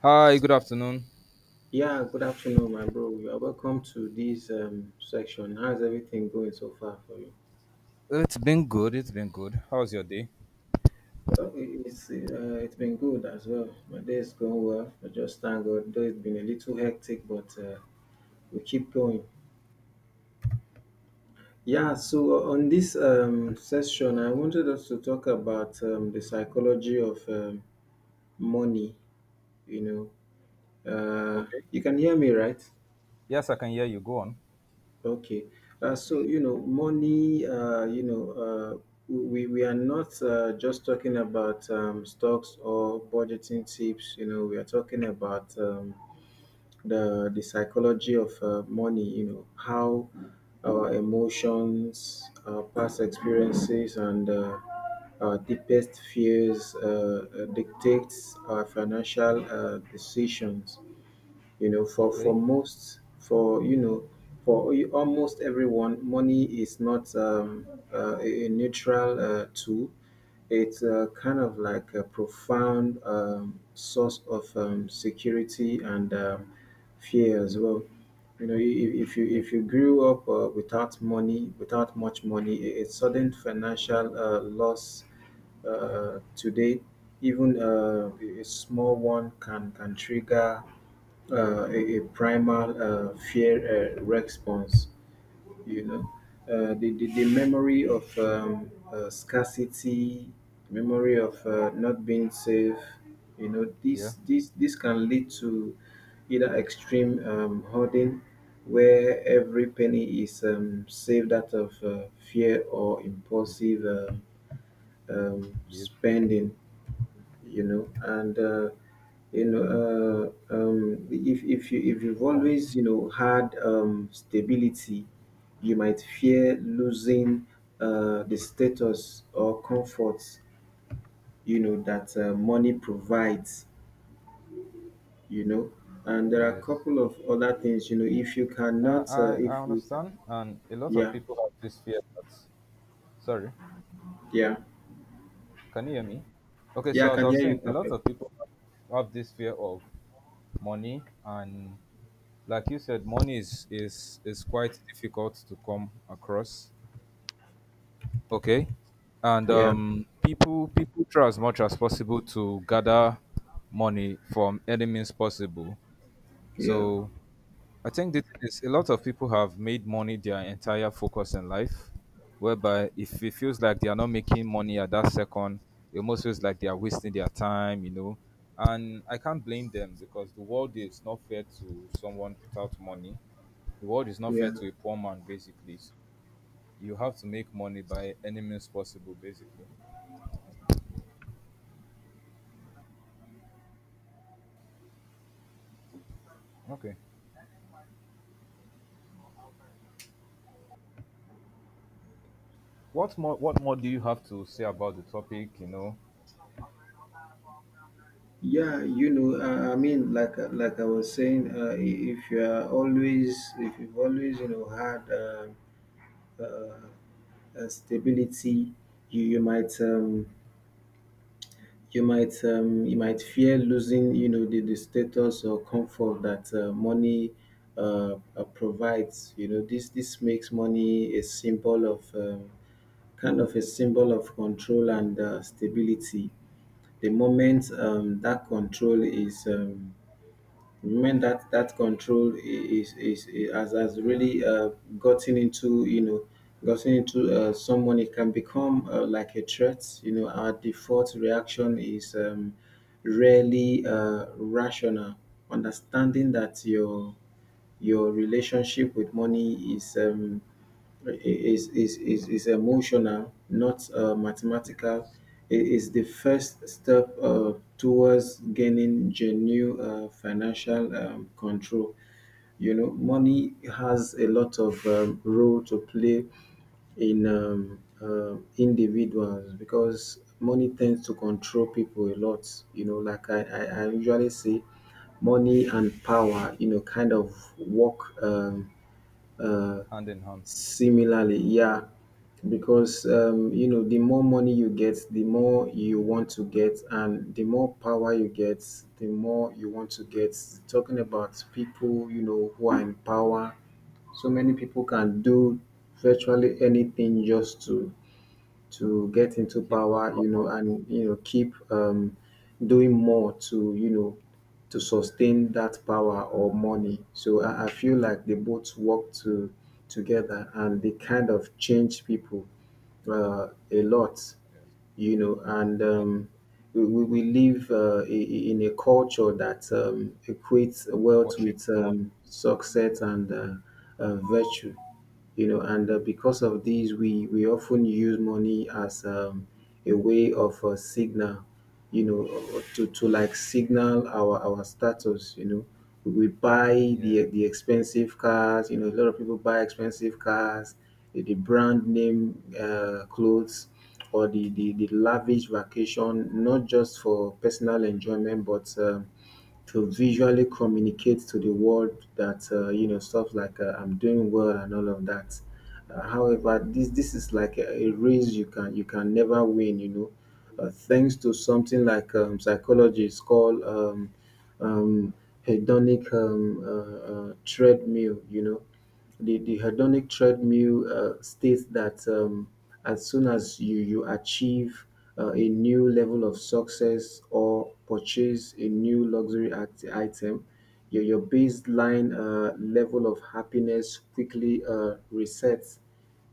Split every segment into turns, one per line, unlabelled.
Hi, good afternoon.
Yeah, good afternoon, my bro. You are welcome to this section. How's everything going so far for you?
It's been good. It's been good. How's your day?
Well, it's been good as well. My day is going well. I just thank God. Though it's been a little hectic, but we keep going. Yeah. So on this session, I wanted us to talk about the psychology of money. You know, uh,
Okay.
you can hear me, right?
Yes, I can hear you. Go on.
Okay. So, money, we are not just talking about stocks or budgeting tips. We are talking about the psychology of money, how our emotions, our past experiences, and our deepest fears dictates our financial decisions. For
Okay.
most, for you know for almost everyone, money is not a neutral tool. It's kind of like a profound source of security and fear as well. you know i- if, if you
Yeah.
if you grew up without money, without much money, a sudden financial loss today, even a small one can trigger a primal fear response. You know, the memory of scarcity, memory of not being safe. You know,
Yeah.
this this this can lead to either extreme hoarding, where every penny is saved out of fear, or impulsive
Yeah.
spending. And if you've
Go on.
always had stability, you might fear losing the status or comfort that money provides you know and there are a
Yes.
couple of other things, if you
Uh,
cannot,
I
if
I
you...
understand, and a lot of
Yeah,
people have this fear that. Sorry.
yeah,
Can you hear me? Okay.
yeah. I
So as
can
I was
hear you
saying, a lot
perfect.
of people have this fear of money, and like you said, money is quite difficult to come across. Okay. And
Yeah,
people try as much as possible to gather money from any means possible.
yeah,
So I think the thing is, a lot of people have made money their entire focus in life, whereby if it feels like they are not making money at that second, it almost feels like they are wasting their time, you know. And I can't blame them because the world is not fair to someone without money. The world is not
yeah.
fair to a poor man, basically. So, you have to make money by any means possible, basically. Okay. What more do you have to say about the topic, you know?
Yeah, I mean, like I was saying, if you've always, had stability, you you might um, you might fear losing, the status or comfort that money provides. You know, this makes money a symbol of kind of a symbol of control and stability. The moment that control is men that control has
Okay.
really gotten into you know gotten into someone, it can become like a threat. Our default reaction is really rational. Understanding that your relationship with money is emotional, not
Yeah.
mathematical. It is the first step towards gaining genuine financial control. Money has a lot of role to play in individuals, because money tends to control people a lot. Like I usually say, money and power, kind of work. Uh,
Hand in hand.
Similarly, yeah, because the more money you get, the more you want to get, and the more power you get, the more you want to get. Talking about people, who are in power. So many people can do virtually anything just to get into
Keep that
power,
come up.
and keep doing more to sustain that power or money. So I feel like they both work to together, and they
True.
kind of change people a
Yes.
lot,
Yes.
and
And
we live in a culture that equates wealth
worship
with
money.
success and virtue. And because of these, we often use money as a way of a signal, you know to like signal our status. We buy
Yeah.
the expensive cars. A lot of people buy expensive cars, the brand name clothes, or the lavish vacation, not just for personal enjoyment but to visually communicate to the world that, stuff like I'm doing well and all of that. However, this is like a race you can never win. Thanks to something like psychology, it's called um, hedonic treadmill. The hedonic treadmill states that as soon as you achieve a new level of success or purchase a new luxury item, your baseline level of happiness quickly resets.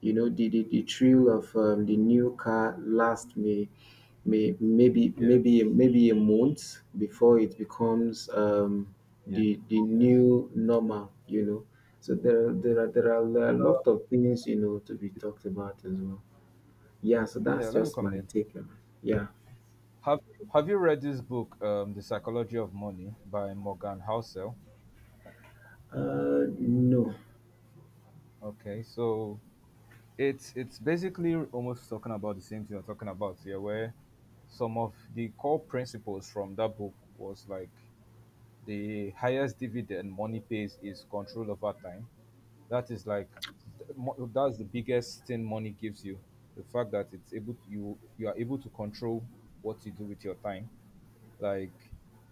The thrill of the new car lasts
Yeah.
maybe a month before it becomes
Yeah.
the
Yes.
new normal. So there are a
Uh,
lot of things, to be talked about as well. Yeah, so
yeah,
that's
let me
just my
comment.
take on it. Yeah.
Have have you read this book, The Psychology of Money by Morgan Housel?
No.
Okay, so it's basically almost talking about the same thing you're talking about here, where some of the core principles from that book was like the highest dividend money pays is control over time. That is like that's the biggest thing money gives you. The fact that it's able to, you are able to control what you do with your time, like,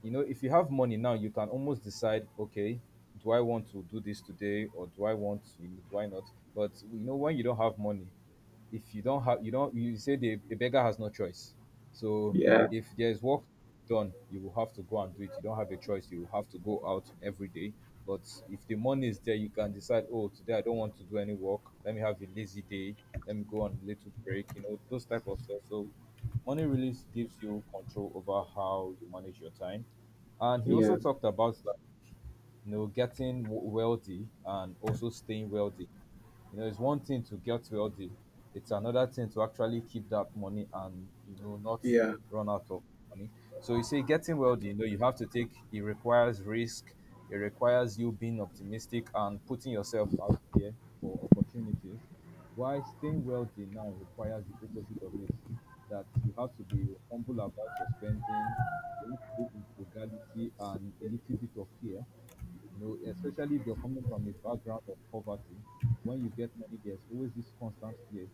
you know, if you have money now, you can almost decide, okay, do I want to do this today, or do I want to, you know, do I not? But you know, when you don't have money, if you don't have, you don't, you say, the beggar has no choice. So
Yeah.
if there's work done, you will have to go and do it. You don't have a choice. You will have to go out every day. But if the money is there, you can decide, oh, today I don't want to do any work, let me have a lazy day, let me go on a little break, you know, those type of stuff. So money really gives you control over how you manage your time. And he also
Yeah.
talked about, like, you know, getting wealthy and also staying wealthy. You know, it's one thing to get wealthy, it's another thing to actually keep that money and you know not
Yeah,
run out of money. So you say getting wealthy, you know, you have to take, it requires risk, it requires you being optimistic and putting yourself out there for opportunities. Why staying wealthy now requires the opposite of it, that you have to be humble about your spending, you have to be with frugality and a little bit of fear, you know, especially if you're coming from a background of poverty, when you get money, there's always this constant fear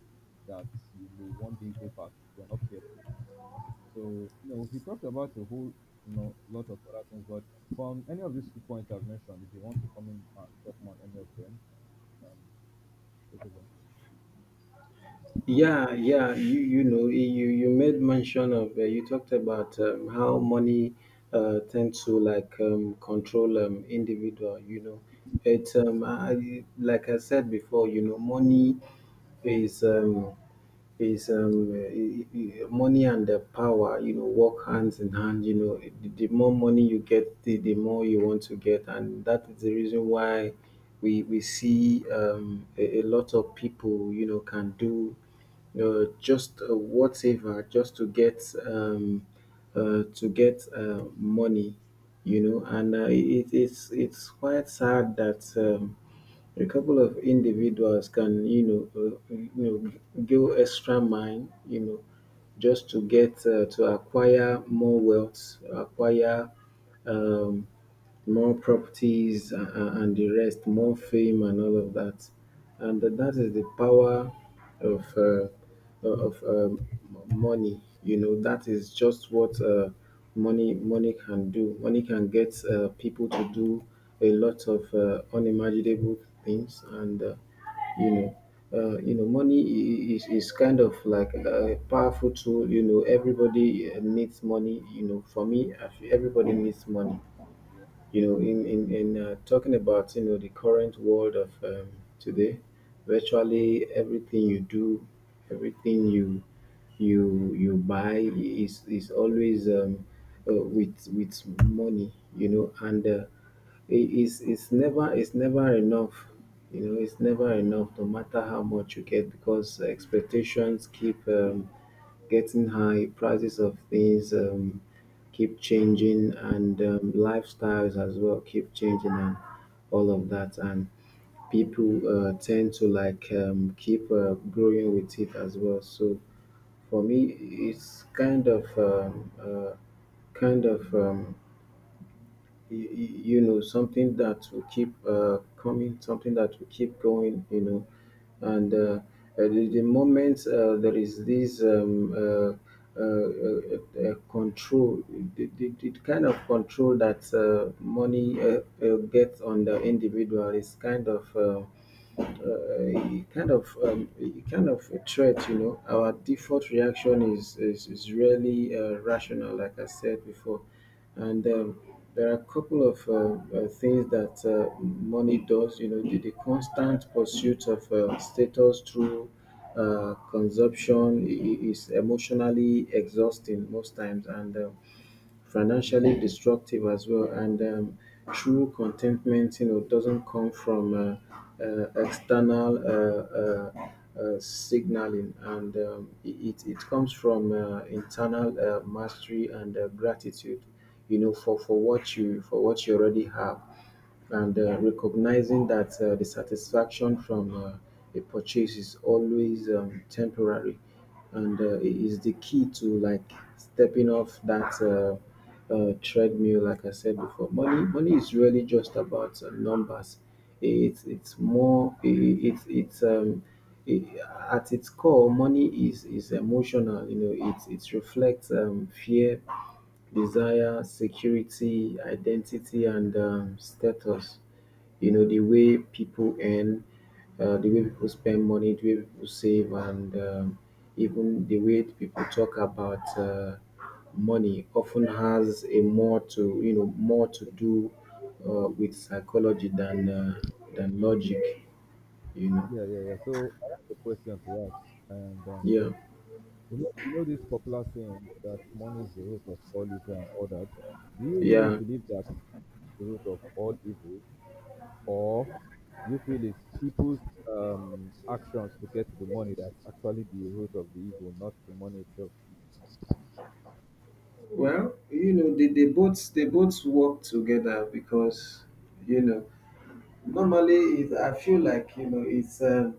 that you may one day go back if you're not careful. So, you know, he talked about a whole, you know, lot of other things, but from any of these two points I've mentioned, if you want to come in and talk on any of them, you can take over.
yeah, yeah, you made mention of, you talked about how money tend to like control individual, you know, it's I, like I said before, money is um, is eh, eh, eh, money and the power, you know, work hands in hand. The more money you get, the more you want to get, and that is the reason why we see, a lot of people, you know, can do just whatever, just to get, to get money. And it's quite sad that a couple of individuals can, you know, go extra mile, you know, just to get to acquire more wealth, acquire um, more properties, and the rest, more fame and all of that. And that is the power of money. That is just what money can do. Money can get people to do a lot of unimaginable things, and you know. Money is kind of like a powerful tool. Everybody needs money. For me, I feel everybody needs money,
Yeah, of course.
in talking about, the current world of today. Virtually everything you do, everything you buy is always, with money, and it's never enough. It's never enough, no matter how much you
Yeah.
get, because expectations keep getting high. Prices of things keep changing, and lifestyles as well keep changing, and all of that, and people tend to like keep growing with it as well. So for me, it's kind of something that will keep coming, something that will keep going. And at the moment, there is this control. The kind of control that money gets on the individual is uh, kind of a kind of a threat. Our default reaction is really rational, like I said before. And there are a couple of things that money does. The constant pursuit of status through consumption is emotionally exhausting most times, and
Yeah,
financially destructive as well. And true contentment, doesn't come from external signaling, and it comes from internal mastery and gratitude, for what you already have. And recognizing that the satisfaction from a purchase is always temporary, and it is the key to like stepping off that treadmill, like I said before. Money is really just about numbers. It's more. It, at its core, money is emotional. It reflects fear, desire, security, identity, and status. The way people earn, the way people spend money, the way people save, and even the way people talk about money often has a more to you know more to do with psychology than than logic. You know,
yeah, yeah, yeah. So I have a question to ask, and
yeah,
you know this popular saying that money is the root of all evil and all that. Do you really
yeah.
believe that the root of all evil, or do you feel it's people's actions to get to the money that's actually the root of the evil, not the money itself?
Well, they both work together, because you know normally, I feel like, it's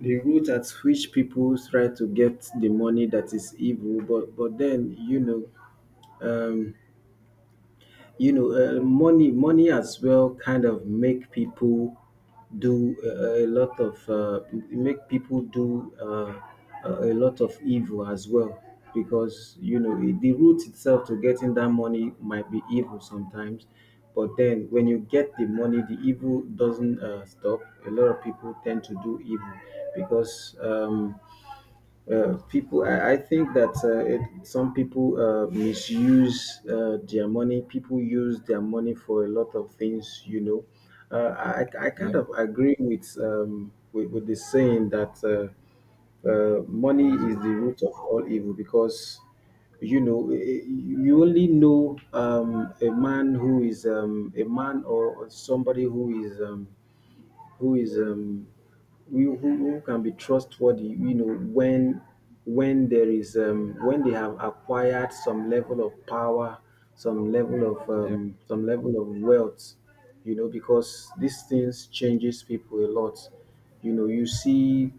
the route at which people try to get the money that is evil. But then. Um, you know, money money as well kind of make people do a lot of make people do a lot of evil as well because the route itself to getting that money might be evil sometimes, but then when you get the money the evil doesn't stop. A lot of people tend to do evil because people, I think that some people misuse their money. People use their money for a lot of things, you know. I kind
Yeah,
of agree with with the saying that money
money is the
is
root.
the root of all evil, because you only know a man who is a man or somebody who is who is um, who can be trustworthy, you know, when there is when they have acquired some level of power,
Yeah,
some level of wealth, you know, because these things changes people a lot. You know, you see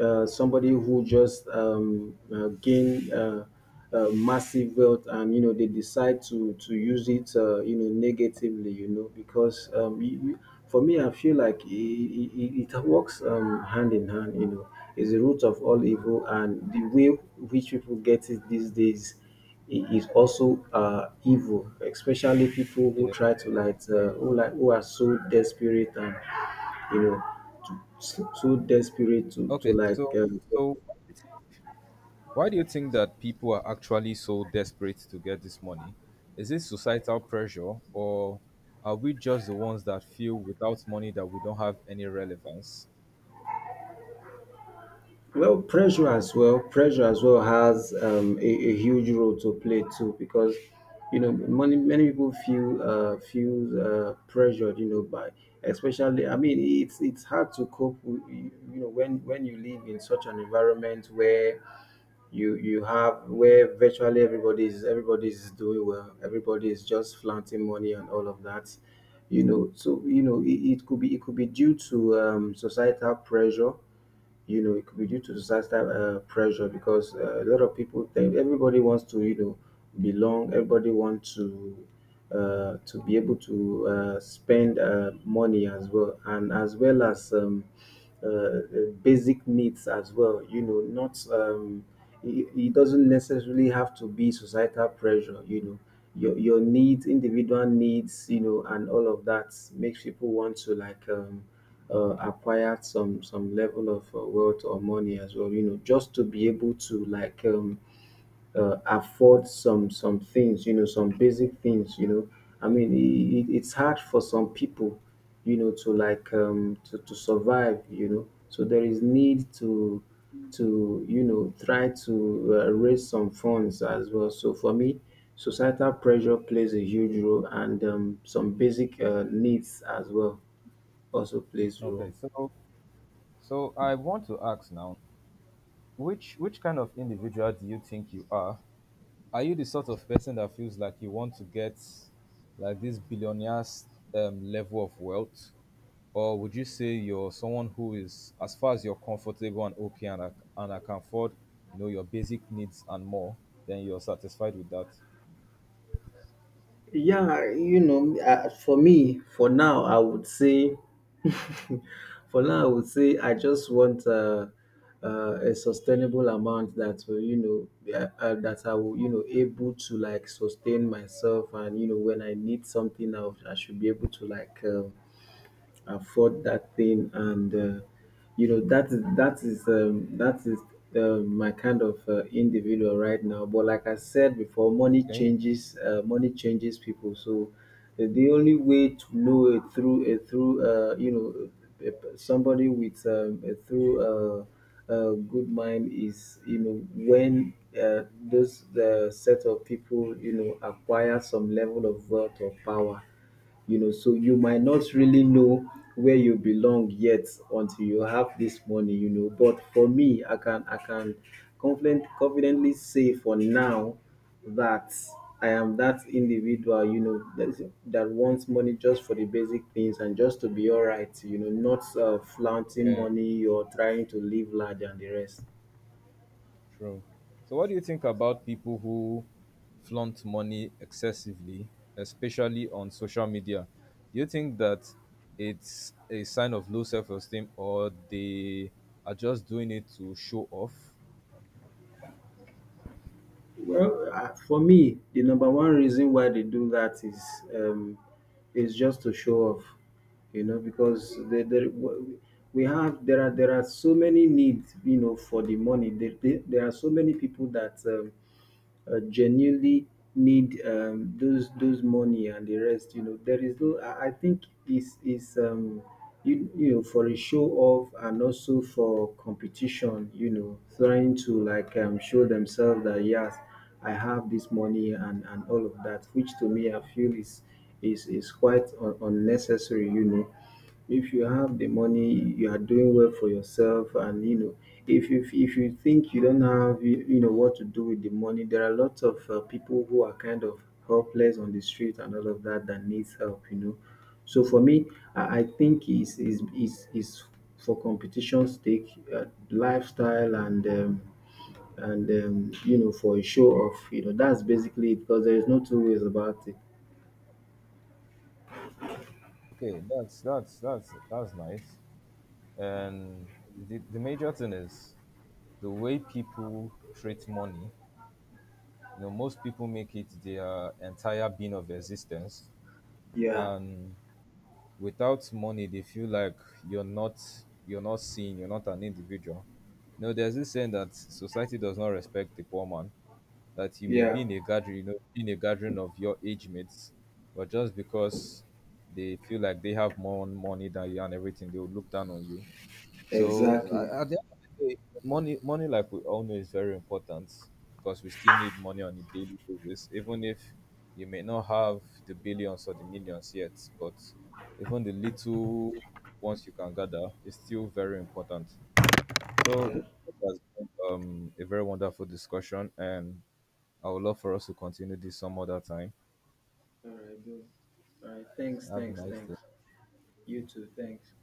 somebody who just gain massive wealth and you know they decide to use it, you know, negatively, you know, because for me I feel like it works hand in hand, you know. It's the root of all evil, and the way which people get it these days is also evil, especially people who
yeah.
try to like who like who are so desperate and you know, so desperate to
Okay,
like,
so so why do you thi- why do you think that people are actually so desperate to get this money? Is it societal pressure, or are we just the ones that feel without money that we don't have any relevance?
well, pressure as well. Pressure as well has a huge role to play too, because you know, many people feel feel pressured, you know, by especially. I mean, it's hard to cope with, you know, when you live in such an environment where you have where virtually everybody's doing well, everybody is just flaunting money and all of that, you know. So you know it could be, it could be due to societal pressure, you know. It could be due to societal pressure, because a lot of people think everybody wants to, you know, belong. Everybody wants to to be able to spend money as well, and as well as uh, uh, basic needs as well, you know. Not it doesn't necessarily have to be societal pressure, you know. Your needs, individual needs, you know, and all of that makes people want to like acquired some level of wealth or money as well, you know, just to be able to like afford some things, you know, some basic things, you know. I
Okay,
mean it's hard for some people, you know, to like to survive, you know. So there is need to you know try to raise some funds as well. So for me, societal pressure plays a huge role, and some basic needs as well also plays a role.
okay. So so I want to ask now. Which kind of individual do you think you are? Are you the sort of person that feels like you want to get like this billionaire's level of wealth, or would you say you're someone who is, as far as you're comfortable and okay, and I can afford, you know, your basic needs and more, then you're satisfied with that?
Yeah, you know, for me, for now, I would say, for now, I would say, I just want a sustainable amount that will, you know, that I will, you know, able to like sustain myself, and you know, when I need something, I should be able to like. Afford that thing, and you know that is that is my kind of individual right now. But like I said before, money
Okay.
changes, money changes people. So the only way to know it through you know, a somebody with a good mind is, you know, when those, the set of people, you know, acquire some level of wealth or power, you know. So you might not really know where you belong yet until you have this money, you know. But for me, I can confident, confidently say for now that I am that individual, you know, that wants money just for the basic things and just to be all right, you know. Not flaunting
Yeah.
money or trying to live large and the rest.
True. So, what do you think about people who flaunt money excessively, especially on social media? Do you think that it's a sign of low self esteem or they are just doing it to show off?
Well, for me, the number one reason why they do that um, is just to show off, you know, because we have, there are so many needs, you know, for the money. There are so many people that genuinely need those those money and the rest, you know. There is no, I think is you, you know, for a show off, and also for competition, you know, trying to like show themselves that yes, I have this money and all of that, which to me I feel is quite unnecessary, you know. If you have the money you are doing well for yourself, and you know, if you, if you think you don't have, you know what to do with the money, there are lots of people who are kind of helpless on the street and all of that that needs help, you know. So for me, I think is is for competition's sake, uh, lifestyle, and you know, for a show off, you know. That's basically it, because there is no two ways about it.
Okay, that's nice. And the major thing is the way people treat money. You know, most people make it their entire being of existence,
Yeah.
and without money they feel like you're not you're not seen, you're not an individual, you, there's this saying that society does not respect the poor man, that you may be
Yeah.
in a gathering, you know, in a gathering of your age mates, but just because they feel like they have more money than you and everything, they will look down on you. So
Exactly.
at the end of the day, money, like we all know, is very important because we still need money on a daily basis. Even if you may not have the billions or the millions yet, but even the little ones you can gather is still very important. So
Yeah.
this has been a very wonderful discussion, and I would love for us to continue this some other time.
All right, bro. All right. Thanks,
Have a
thanks,
nice
thanks.
day.
You too. Thanks.